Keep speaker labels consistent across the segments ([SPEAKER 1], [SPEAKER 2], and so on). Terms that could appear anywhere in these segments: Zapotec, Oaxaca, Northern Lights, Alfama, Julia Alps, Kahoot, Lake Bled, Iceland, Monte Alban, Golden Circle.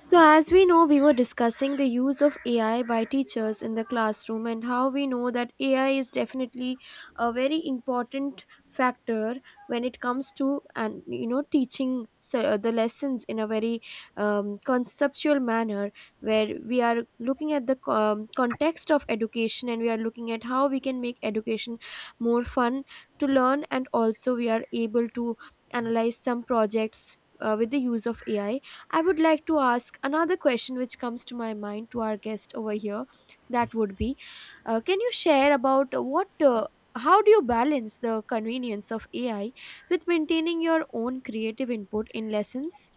[SPEAKER 1] So, as we know, we were discussing the use of AI by teachers in the classroom and how we know that AI is definitely a very important factor when it comes to and teaching so, the lessons in a very conceptual manner where we are looking at the context of education and we are looking at how we can make education more fun to learn, and also we are able to analyze some projects with the use of ai. I would like to ask another question which comes to my mind to our guest over here. That would be: can you share about how do you balance the convenience of AI with maintaining your own creative input in lessons?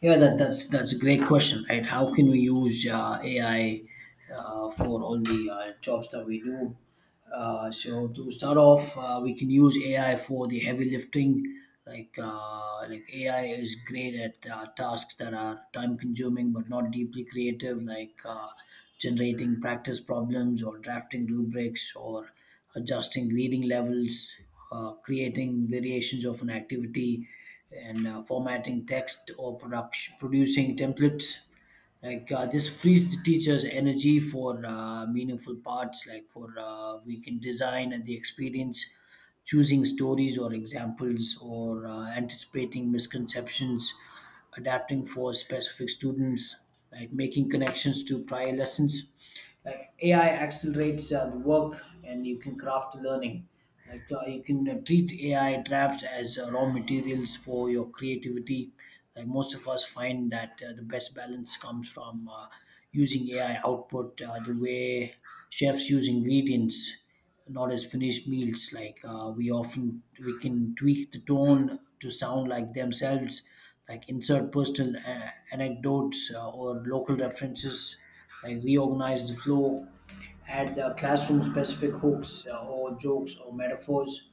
[SPEAKER 2] Yeah, that's a great question, right? How can we use AI for all the jobs that we do? So to start off, we can use AI for the heavy lifting. Like AI is great at tasks that are time consuming but not deeply creative, like generating practice problems or drafting rubrics or adjusting reading levels, creating variations of an activity, and formatting text or production, producing templates. Like this frees the teacher's energy for meaningful parts. Like for we can design and the experience, choosing stories or examples, or anticipating misconceptions, adapting for specific students, like making connections to prior lessons like AI accelerates the work and you can craft learning. Like you can treat AI drafts as raw materials for your creativity. Like most of us find that the best balance comes from using AI output the way chefs use ingredients, not as finished meals. Like we can tweak the tone to sound like themselves, like insert personal anecdotes or local references like reorganize the flow, add classroom specific hooks or jokes or metaphors.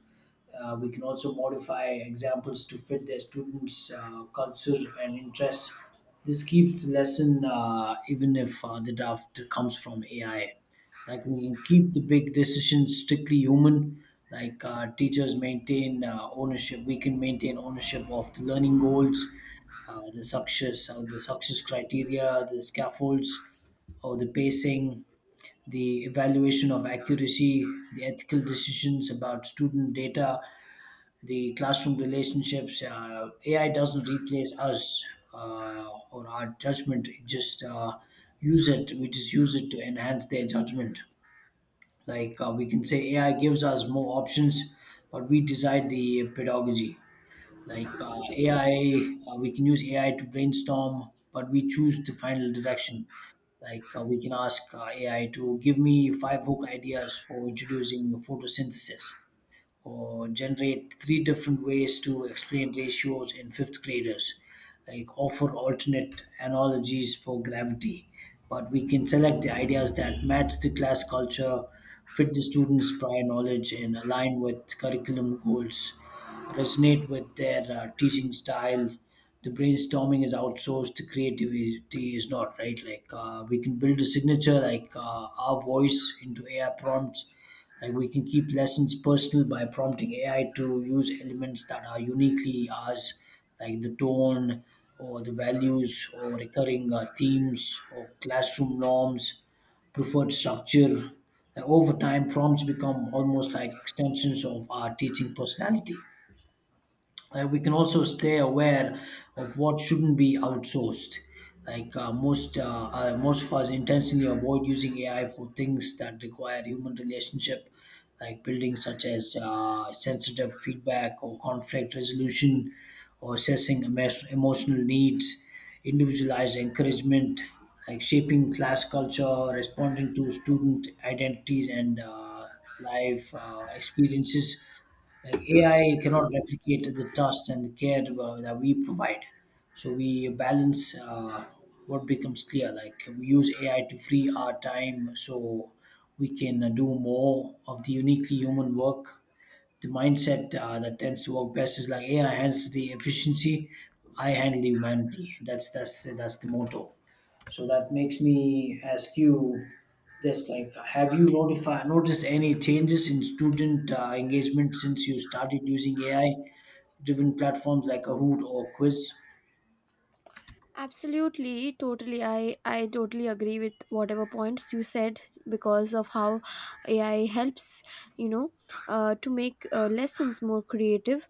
[SPEAKER 2] We can also modify examples to fit their students' culture and interests. This keeps the lesson, even if the draft comes from AI. Like we can keep the big decisions strictly human. Like teachers maintain ownership, we can maintain ownership of the learning goals, the success criteria, the scaffolds or the pacing, the evaluation of accuracy, the ethical decisions about student data, the classroom relationships. AI doesn't replace us or our judgment. It just use it. We just use it to enhance their judgment. Like we can say AI gives us more options, but we decide the pedagogy. Like we can use AI to brainstorm, but we choose the final direction. Like we can ask AI to give me five hook ideas for introducing photosynthesis or generate three different ways to explain ratios in fifth graders, like offer alternate analogies for gravity. But we can select the ideas that match the class culture, fit the students' prior knowledge, and align with curriculum goals, resonate with their teaching style. The brainstorming is outsourced, the creativity is not, right? Like, we can build a signature like our voice into AI prompts like we can keep lessons personal by prompting AI to use elements that are uniquely ours, like the tone or the values or recurring themes or classroom norms, preferred structure. Like over time, prompts become almost like extensions of our teaching personality we can also stay aware of what shouldn't be outsourced. Like most of us intentionally avoid using AI for things that require human relationship, like building such as sensitive feedback or conflict resolution, or assessing emotional needs, individualized encouragement, like shaping class culture, responding to student identities and life experiences like AI cannot replicate the trust and the care that we provide. So we balance what becomes clear. Like we use AI to free our time so we can do more of the uniquely human work. The mindset that tends to work best is like AI handles the efficiency, I handle the humanity. That's the motto. So that makes me ask you this: like, have you noticed any changes in student engagement since you started using AI-driven platforms like Kahoot or Quiz?
[SPEAKER 1] Absolutely, totally. I totally agree with whatever points you said because of how AI helps, you know, to make lessons more creative.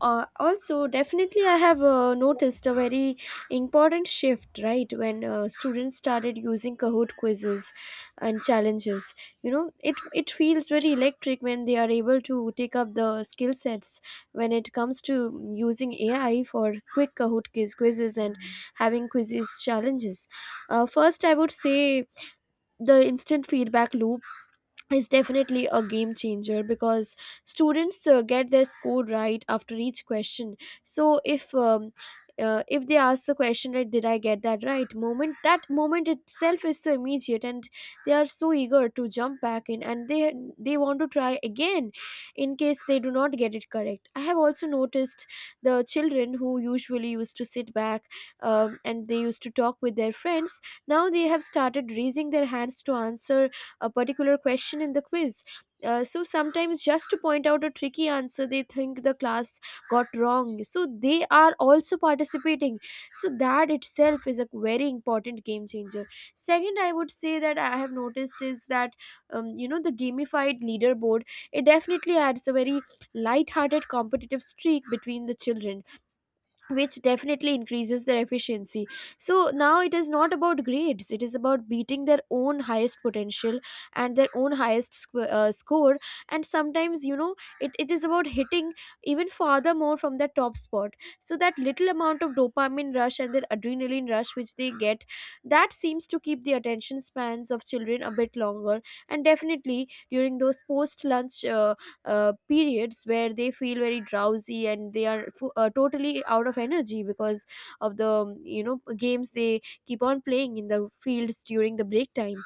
[SPEAKER 1] Also, definitely, I have noticed a very important shift, right? When students started using Kahoot quizzes and challenges, it feels very electric when they are able to take up the skill sets when it comes to using AI for quick Kahoot quizzes and having quizzes challenges. First, I would say the instant feedback loop is definitely a game changer because students get their score right after each question. So if they ask the question, "Right, did I get that right?", moment that moment itself is so immediate, and they are so eager to jump back in, and they want to try again in case they do not get it correct. I have also noticed the children who usually used to sit back and they used to talk with their friends, now they have started raising their hands to answer a particular question in the quiz. So sometimes just to point out a tricky answer they think the class got wrong, so they are also participating. So that itself is a very important game changer. Second, I would say that I have noticed is that the gamified leaderboard, it definitely adds a very light-hearted competitive streak between the children, which definitely increases their efficiency. So now it is not about grades, it is about beating their own highest potential and their own highest score. And sometimes, it is about hitting even farther more from the top spot, so that little amount of dopamine rush and their adrenaline rush which they get, that seems to keep the attention spans of children a bit longer. And definitely during those post lunch periods where they feel very drowsy and they are totally out of energy because of the games they keep on playing in the fields during the break time.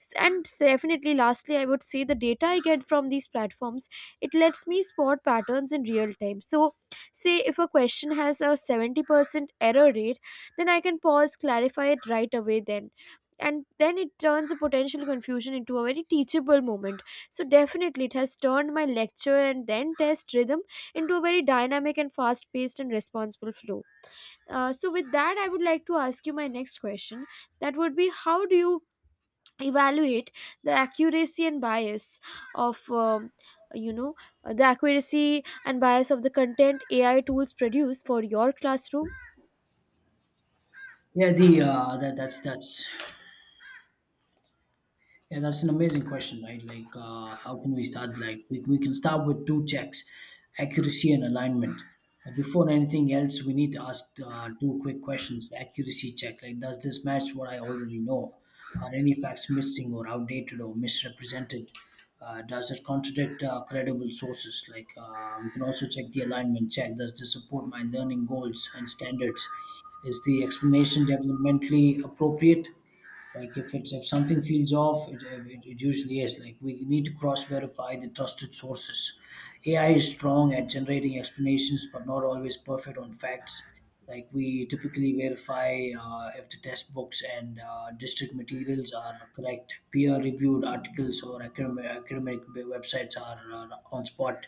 [SPEAKER 1] Definitely, lastly, I would say the data I get from these platforms, it lets me spot patterns in real time. So say if a question has a 70% error rate, then I can pause, clarify it right away, then and then it turns a potential confusion into a very teachable moment. So definitely it has turned my lecture and then test rhythm into a very dynamic and fast-paced and responsible flow. So with that, I would like to ask you my next question. That would be: how do you evaluate the accuracy and bias of you know the accuracy and bias of the content AI tools produce for your classroom?
[SPEAKER 2] Yeah, the that that's Yeah, that's an amazing question, right? Like, how can we start? Like, we can start with two checks accuracy and alignment. Before anything else, we need to ask two quick questions. The accuracy check, like, does this match what I already know? Are any facts missing or outdated or misrepresented? Does it contradict credible sources? Like, we can also check the alignment check. Does this support my learning goals and standards? Is the explanation developmentally appropriate? Like if something feels off, it usually is. Like we need to cross verify the trusted sources. AI is strong at generating explanations, but not always perfect on facts. Like we typically verify if the test books and district materials are correct, peer-reviewed articles or academic websites are on spot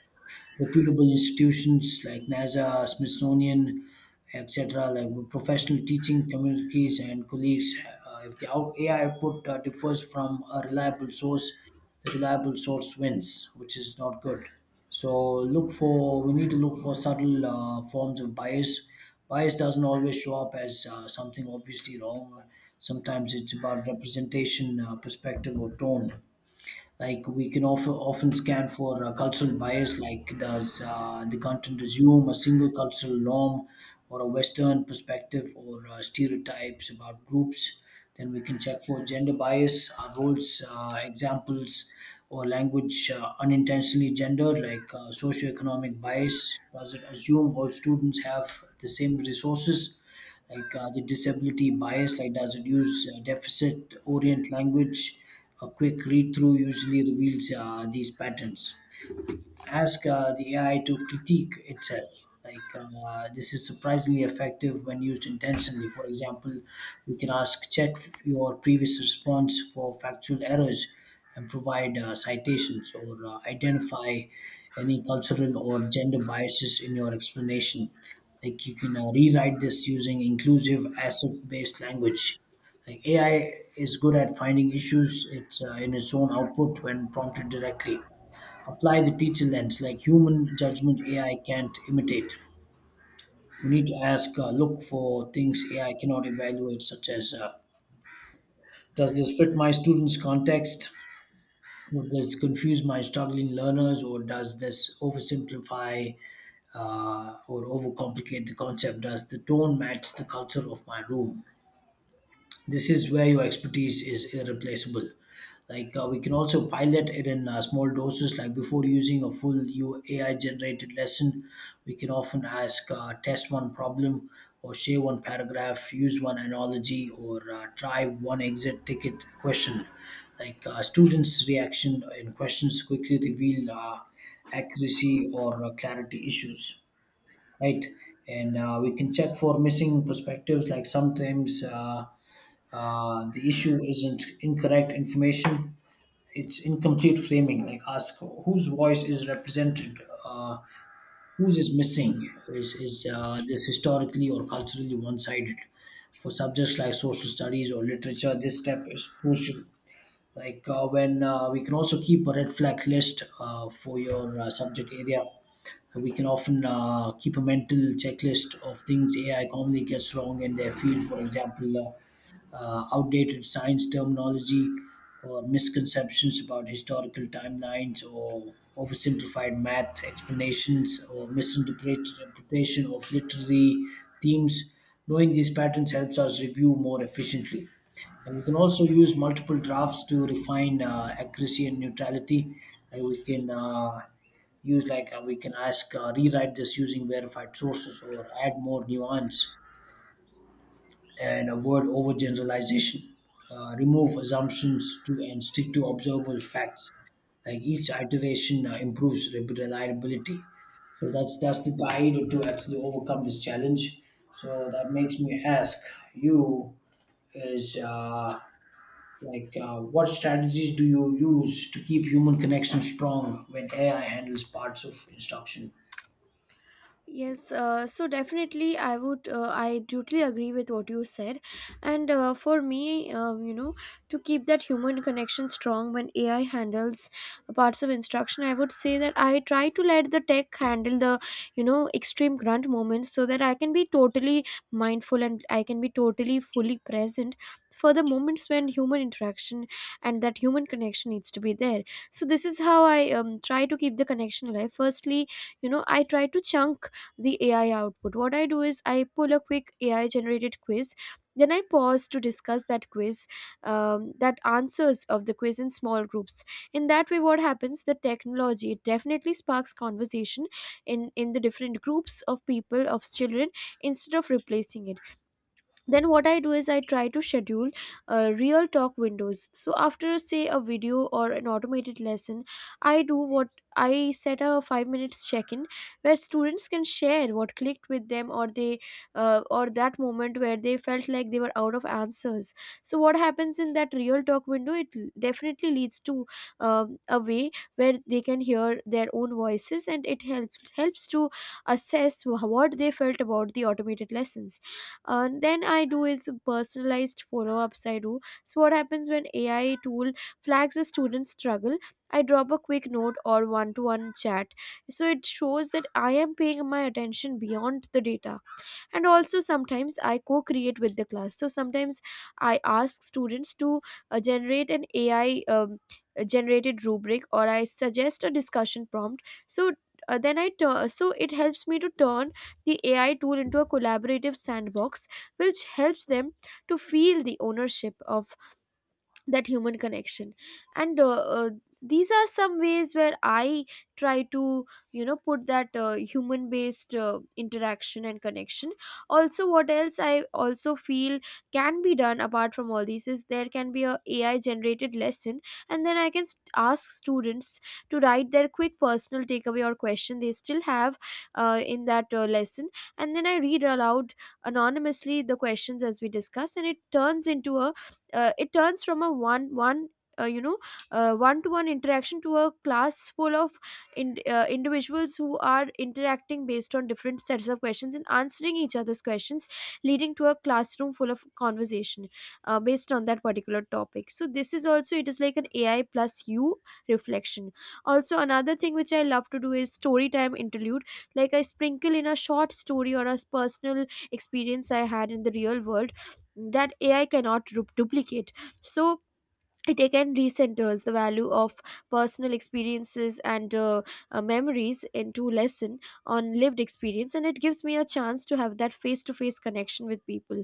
[SPEAKER 2] reputable institutions like NASA, Smithsonian, etc., like with professional teaching communities and colleagues. If the AI output differs from a reliable source, the reliable source wins, which is not good. So look for We need to look for subtle forms of bias. Bias doesn't always show up as something obviously wrong. Sometimes it's about representation, perspective, or tone like we can often scan for cultural bias like does the content assume a single cultural norm or a western perspective or stereotypes about groups, then we can check for gender bias, our roles, examples or language unintentionally gendered, like socioeconomic bias, does it assume all students have the same resources, like the disability bias, like does it use deficit orient language. A quick read through usually reveals these patterns. Ask the AI to critique itself. Like this is surprisingly effective when used intentionally. For example, we can ask check your previous response for factual errors and provide citations or identify any cultural or gender biases in your explanation. Like you can rewrite this using inclusive asset-based language. Like AI is good at finding issues in its own output when prompted directly. Apply the teacher lens, like human judgment AI can't imitate. We need to ask, look for things AI cannot evaluate, such as does this fit my students context, would this confuse my struggling learners, or does this oversimplify or overcomplicate the concept, does the tone match the culture of my room. This is where your expertise is irreplaceable. Like we can also pilot it in small doses, like before using a full u AI generated lesson, we can often ask test one problem or share one paragraph, use one analogy, or try one exit ticket question. Like students reaction and questions quickly reveal accuracy or clarity issues, right? And we can check for missing perspectives. Like sometimes the issue isn't incorrect information; it's incomplete framing. Like ask whose voice is represented, whose is missing. Is this historically or culturally one-sided? For subjects like social studies or literature, this step is crucial. Like when we can also keep a red flag list for your subject area, we can often keep a mental checklist of things AI commonly gets wrong in their field, for example outdated science terminology or misconceptions about historical timelines or oversimplified math explanations or misinterpretation of literary themes. Knowing these patterns helps us review more efficiently, and we can also use multiple drafts to refine accuracy and neutrality. Like we can use like we can ask rewrite this using verified sources or add more nuance and avoid overgeneralization. Remove assumptions to and stick to observable facts. Like each iteration improves reliability. So that's the guide to actually overcome this challenge. So that makes me ask you is. What strategies do you use to keep human connection strong when AI handles parts of instruction?
[SPEAKER 1] Yes, so definitely I would, I totally agree with what you said. And for me, to keep that human connection strong when AI handles parts of instruction, I would say that I try to let the tech handle the, extreme grunt moments so that I can be totally mindful and I can be totally fully present for the moments when human interaction and that human connection needs to be there. So this is how I try to keep the connection alive. Firstly, I try to chunk the AI output. What I do is I pull a quick AI generated quiz. Then I pause to discuss that answers of the quiz in small groups. In that way, what happens? The technology, it definitely sparks conversation in the different groups of people, of children, instead of replacing it. Then what I do is I try to schedule real talk windows. So after, say, a video or an automated lesson, I do what I set a 5 minutes check in where students can share what clicked with them, or that moment where they felt like they were out of answers. So what happens in that real talk window, it definitely leads to a way where they can hear their own voices, and it helps to assess what they felt about the automated lessons. Then I do is personalized follow ups, I do. So what happens when AI tool flags a student's struggle? I drop a quick note or one to one chat. So it shows that I am paying my attention beyond the data. And also, sometimes I co-create with the class. So sometimes I ask students to generate an ai generated rubric, or I suggest a discussion prompt. So it helps me to turn the ai tool into a collaborative sandbox, which helps them to feel the ownership of that human connection. And these are some ways where I try to, put that human based interaction and connection. Also, what else I also feel can be done apart from all these is there can be a ai generated lesson, and then I can ask students to write their quick personal takeaway or question they still have in that lesson. And then I read aloud anonymously the questions as we discuss, and it turns from a uh, you know one-to-one interaction to a class full of individuals who are interacting based on different sets of questions and answering each other's questions, leading to a classroom full of conversation based on that particular topic. So this is also, it is like an ai plus you reflection. Also, another thing which I love to do is story time interlude. Like, I sprinkle in a short story or a personal experience I had in the real world that ai cannot duplicate. So it again recenters the value of personal experiences and memories into lesson on lived experience, and it gives me a chance to have that face-to-face connection with people,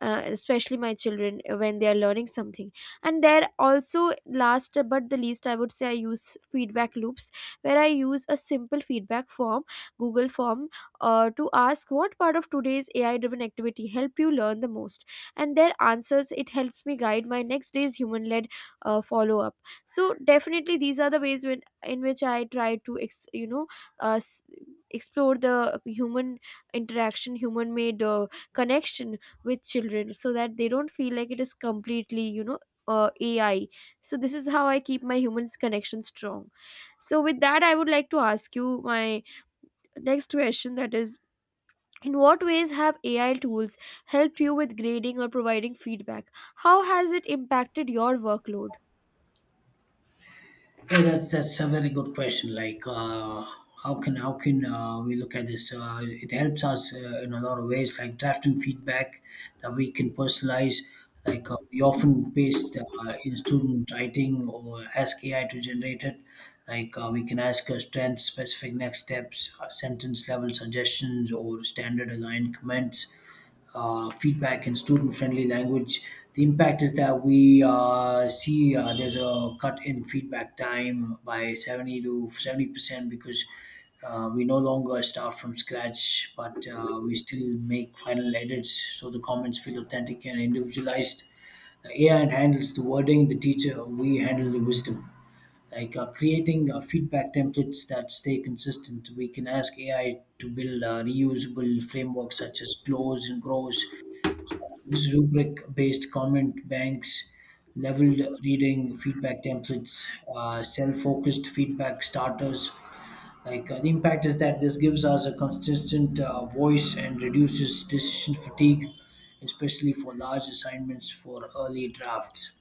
[SPEAKER 1] especially my children, when they are learning something. And there also, last but the least, I would say I use feedback loops, where I use a simple feedback form, google form, to ask what part of today's ai driven activity helped you learn the most, and their answers, it helps me guide my next day's human led follow up. So definitely these are the ways in which I try to uh, s- explore the human interaction, human made connection with children, so that they don't feel like it is completely, ai. So this is how I keep my human connection strong. So with that, I would like to ask you my next question, that is: in what ways have ai tools helped you with grading or providing feedback? How has it impacted your workload?
[SPEAKER 2] Yeah, that's a very good question. Like, how can we look at this? It helps us in a lot of ways, like drafting feedback that we can personalize. Like we often paste in student writing or ask AI to generate it. Like we can ask strength specific next steps, sentence level suggestions, or standard aligned comments feedback in student-friendly language. The impact is that we see there's a cut in feedback time by 70 to 70% because we no longer start from scratch, but we still make final edits so the comments feel authentic and individualized. The AI handles the wording, the teacher we handle the wisdom. Like creating feedback templates that stay consistent, we can ask AI to build reusable frameworks such as close and grows Rubric based comment banks, leveled reading feedback templates, self focused feedback starters. The impact is that this gives us a consistent voice and reduces decision fatigue, especially for large assignments, for early drafts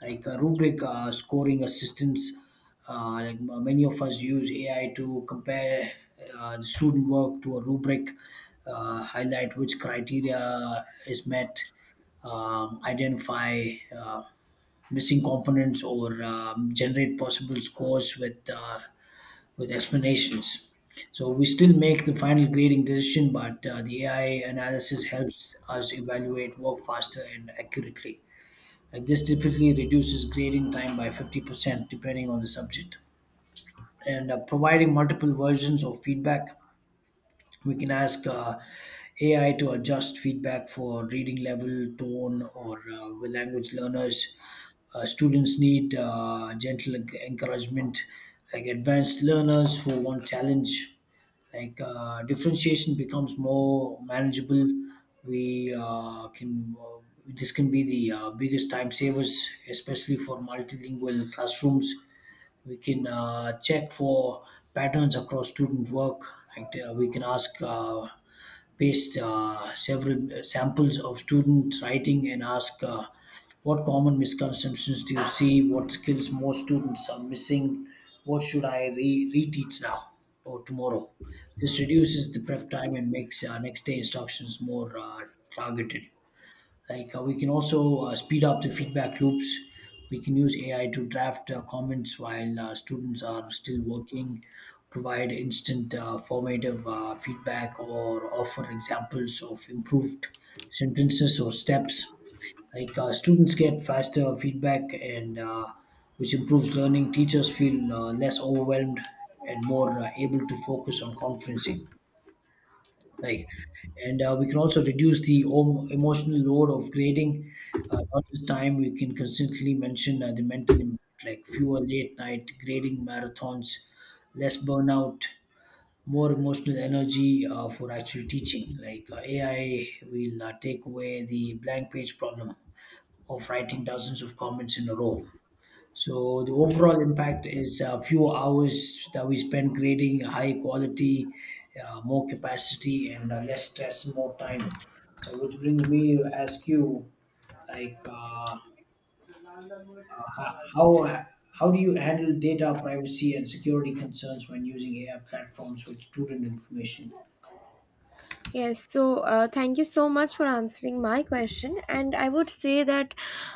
[SPEAKER 2] like a rubric scoring assistance. Many of us use ai to compare the student work to a rubric, highlight which criteria is met, identify uh, missing components, or generate possible scores with explanations. So we still make the final grading decision, but the ai analysis helps us evaluate work faster and accurately. Like this typically reduces grading time by 50% depending on the subject. And providing multiple versions of feedback, we can ask AI to adjust feedback for reading level, tone, or with language learners. Students need gentle encouragement, like advanced learners who want challenge. Differentiation becomes more manageable. We can This can be the biggest time savers, especially for multilingual classrooms. We can check for patterns across student work. Like we can ask Paste several samples of student writing and ask, what common misconceptions do you see, what skills most students are missing, what should I reteach now or tomorrow? This reduces the prep time and makes next day instructions more targeted. We can also speed up the feedback loops. We can use AI to draft comments while students are still working, provide instant formative feedback, or offer examples of improved sentences or steps. Students get faster feedback, and which improves learning. Teachers feel less overwhelmed and more able to focus on conferencing. Like and We can also reduce the emotional load of grading, not just time. We can constantly mention the mental impact, like fewer late night grading marathons, less burnout, more emotional energy for actual teaching. AI will take away the blank page problem of writing dozens of comments in a row. So the overall impact is a few hours that we spend creating high quality, more capacity, and less stress, more time. So which brings me to ask you, like, uh, ho- how how do you handle data privacy and security concerns when using AI platforms with student information?
[SPEAKER 1] Yes, so thank you so much for answering my question. And I would say that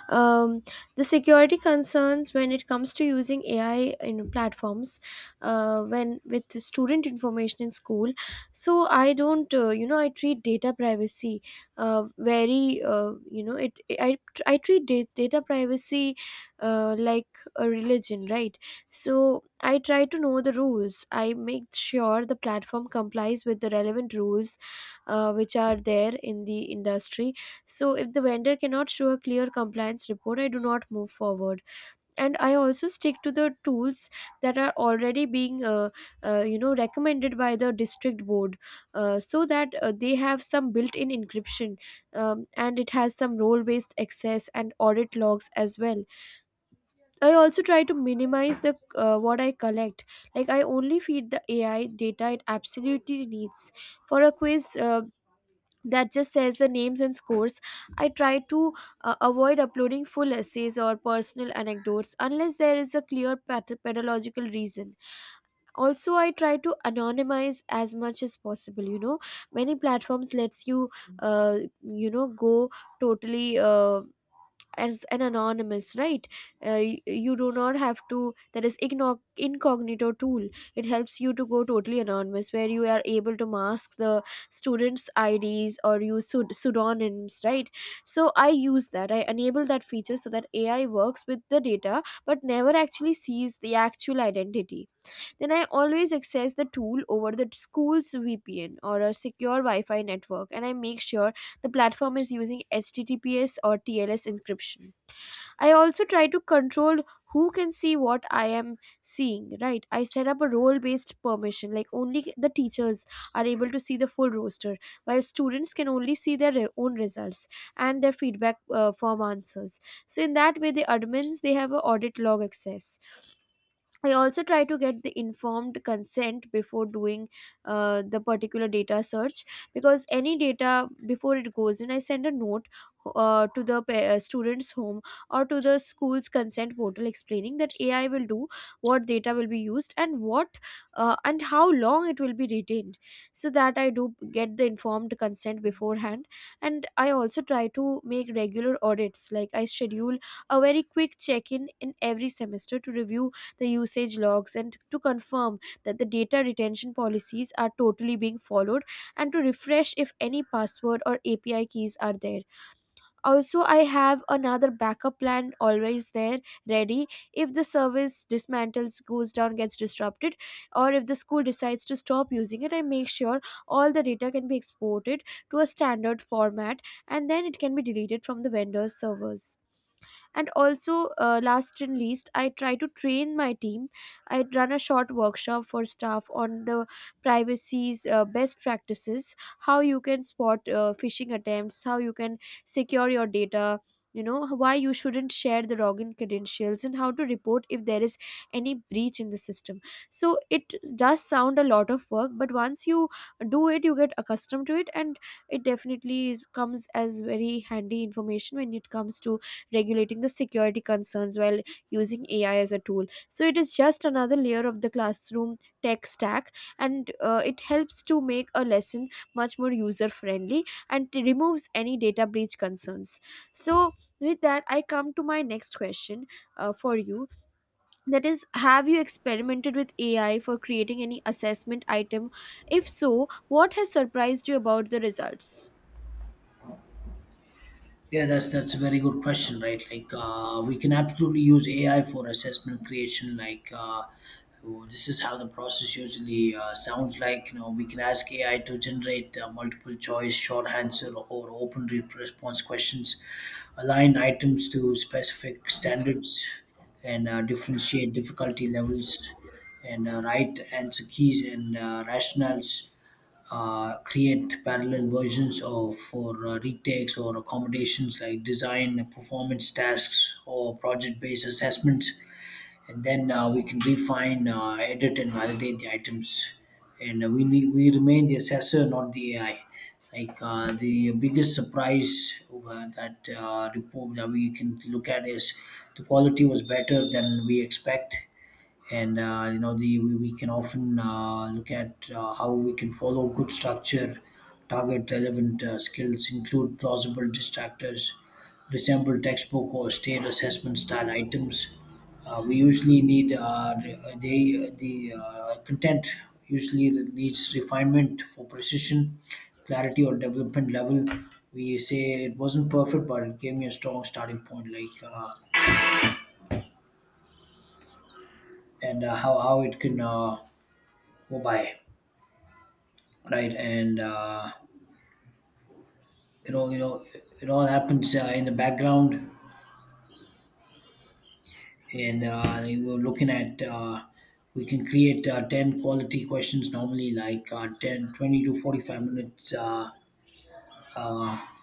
[SPEAKER 1] um, the security concerns when it comes to using AI in platforms, when with student information in school. So I don't, I treat data privacy very, it. I treat data privacy like a religion, right? So I try to know the rules. I make sure the platform complies with the relevant rules which are there in the industry. So if the vendor cannot show a clear compliance report, I do not move forward. And I also stick to the tools that are already being, recommended by the district board, so that they have some built-in encryption, and it has some role-based access and audit logs as well. I also try to minimize the what I collect. Like, I only feed the AI data it absolutely needs. For a quiz, that just says the names and scores. I try to avoid uploading full essays or personal anecdotes unless there is a clear pedagogical reason. Also, I try to anonymize as much as possible. You know, many platforms lets you go totally. As an anonymous, right? You do not have to, that is incognito tool, it helps you to go totally anonymous where you are able to mask the students ids or use pseudonyms, right? So I use that, I enable that feature so that AI works with the data but never actually sees the actual identity. Then I always access the tool over the school's VPN or a secure Wi-Fi network, and I make sure the platform is using HTTPS or TLS encryption. I also try to control who can see what I am seeing, right? I set up a role based permission, like only the teachers are able to see the full roster, while students can only see their own results and their feedback form answers. So, in that way, the admins, they have a audit log access. I also try to get the informed consent before doing the particular data search, because any data before it goes in, I send a note to the student's home or to the school's consent portal explaining that AI will do what data will be used and what, and how long it will be retained. So that I do get the informed consent beforehand, and I also try to make regular audits. Like I schedule a very quick check in every semester to review the usage logs and to confirm that the data retention policies are totally being followed, and to refresh if any password or API keys are there. Also, I have another backup plan always there ready. If the service dismantles, goes down, gets disrupted, or if the school decides to stop using it, I make sure all the data can be exported to a standard format and then it can be deleted from the vendor's servers. And also, last and least, I try to train my team. I run a short workshop for staff on the privacy's best practices, how you can spot phishing attempts, how you can secure your data, you know, why you shouldn't share the login credentials, and how to report if there is any breach in the system. So it does sound a lot of work, but once you do it, you get accustomed to it, and it comes as very handy information when it comes to regulating the security concerns while using AI as a tool. So it is just another layer of the classroom tech stack, and it helps to make a lesson much more user friendly and removes any data breach concerns. So, with that, I come to my next question for you. That is, have you experimented with AI for creating any assessment item? If so, what has surprised you about the results?
[SPEAKER 2] Yeah, that's a very good question, right? Like, we can absolutely use AI for assessment creation. Like, well, this is how the process usually sounds like. You know, we can ask AI to generate multiple choice, short answer, or open response questions, align items to specific standards, and differentiate difficulty levels, and right answer keys and rationales, create parallel versions of for retakes or accommodations, like design performance tasks or project based assessments. And then we can refine, edit and validate the items, and we remain the assessor, not the ai. The biggest surprise that report that we can look at is the quality was better than we expect. And you know, we can often look at how we can follow good structure, target relevant skills, include plausible distractors, resemble textbook or state assessment style items. Uh, we usually need re- they the content usually needs refinement for precision, clarity or development level. We say it wasn't perfect, but it gave me a strong starting point. How it can go by, right? You know, it all happens in the background. And we we're looking at we can create ten quality questions normally, like 10, 20 to 45 minutes. Uh,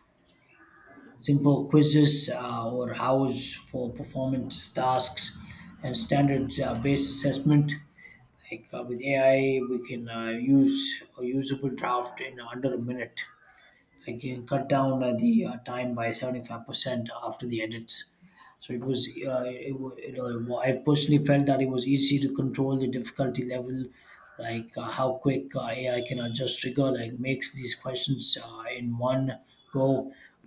[SPEAKER 2] Simple quizzes or hours for performance tasks and standards based assessment. With ai we can use a usable draft in under a minute. Like it cut down the time by 75% after the edits. So it was it, wa- it, I personally felt that it was easy to control the difficulty level. How quick ai can adjust trigger, like makes these questions in one go,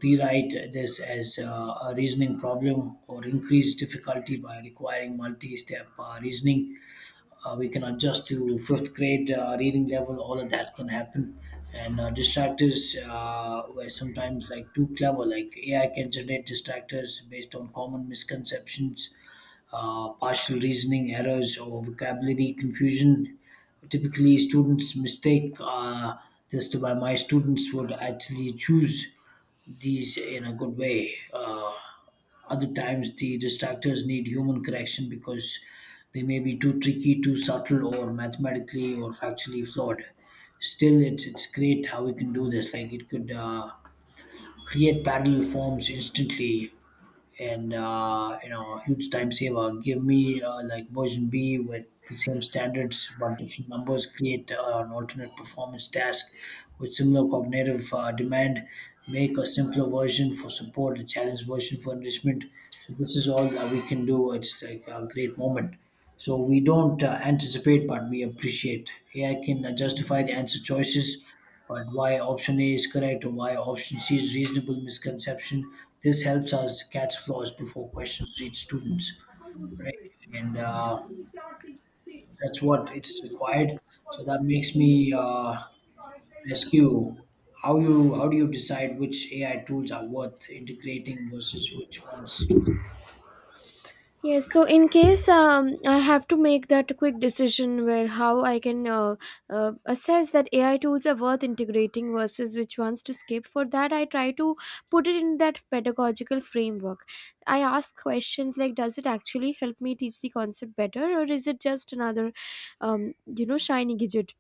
[SPEAKER 2] rewrite this as a reasoning problem or increase difficulty by requiring multi-step reasoning. We can adjust to 5th grade reading level, all of that can happen. And distractors were sometimes like too clever. Like ai can generate distractors based on common misconceptions, partial reasoning errors, or vocabulary confusion. Typically, students mistake this to, by my students would actually choose these in a good way. Other times, the distractors need human correction because they may be too tricky, too subtle, or mathematically or factually flawed. Still, it's great how we can do this. Like it could create parallel forms instantly, and you know, huge time saver. Give me like version B with the same standards but different numbers. Create an alternate performance task with similar cognitive demand. Make a simpler version for support, a challenge version for enrichment. So this is all that we can do. It's like a great moment. So we don't anticipate, but we appreciate. AI can justify the answer choices, but why option A is correct or why option C is reasonable misconception. This helps us catch flaws before questions reach students, right? And That's what it's required. So that makes me ask you, how do you decide which AI tools are worth integrating versus which ones to.
[SPEAKER 1] Yes, so in case I have to make that quick decision where how I can assess that AI tools are worth integrating versus which ones to skip, for that I try to put it in that pedagogical framework. I ask questions like, does it actually help me teach the concept better, or is it just another, you know, shiny gadget?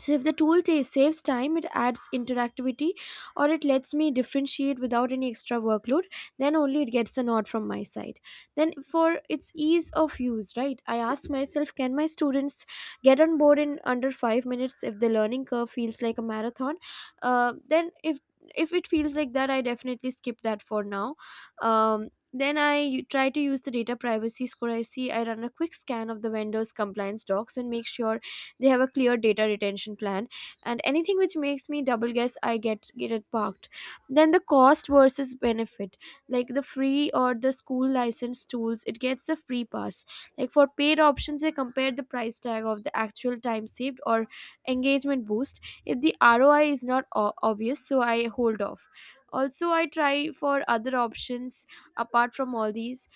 [SPEAKER 1] So if the tool ta saves time, it adds interactivity, or it lets me differentiate without any extra workload, then only it gets a nod from my side. Then for its ease of use, right, I ask myself, can my students get on board in under 5 minutes? If the learning curve feels like a marathon, then if it feels like that, I definitely skip that for now. um, then I try to use the data privacy score, I see. I run a quick scan of the vendor's compliance docs and make sure they have a clear data retention plan, and anything which makes me double guess, I get it parked. Then the cost versus benefit, like the free or the school license tools, it gets a free pass. Like for paid options, they compare the price tag of the actual time saved or engagement boost. If the ROI is not obvious, so I hold off. Also, I try for other options apart from all these,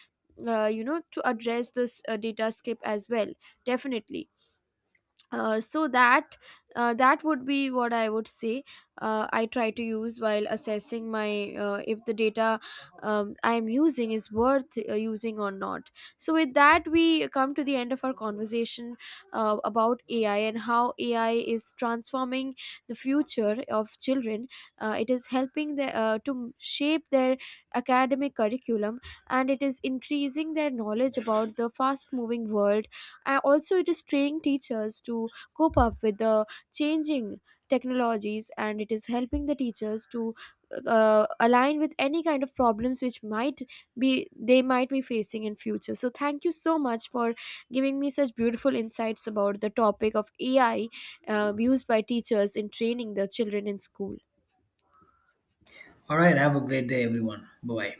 [SPEAKER 1] you know, to address this data skip as well, definitely. So that, that would be what I would say, I try to use while assessing my if the data I am using is worth using or not. So with that, we come to the end of our conversation about AI and how AI is transforming the future of children. It is helping the, to shape their academic curriculum, and it is increasing their knowledge about the fast moving world. Also, it is training teachers to cope up with the changing technologies, and it is helping the teachers to align with any kind of problems which might be they might be facing in future. So thank you so much for giving me such beautiful insights about the topic of AI used by teachers in training the children in school.
[SPEAKER 2] All right. Have a great day, everyone. Bye bye.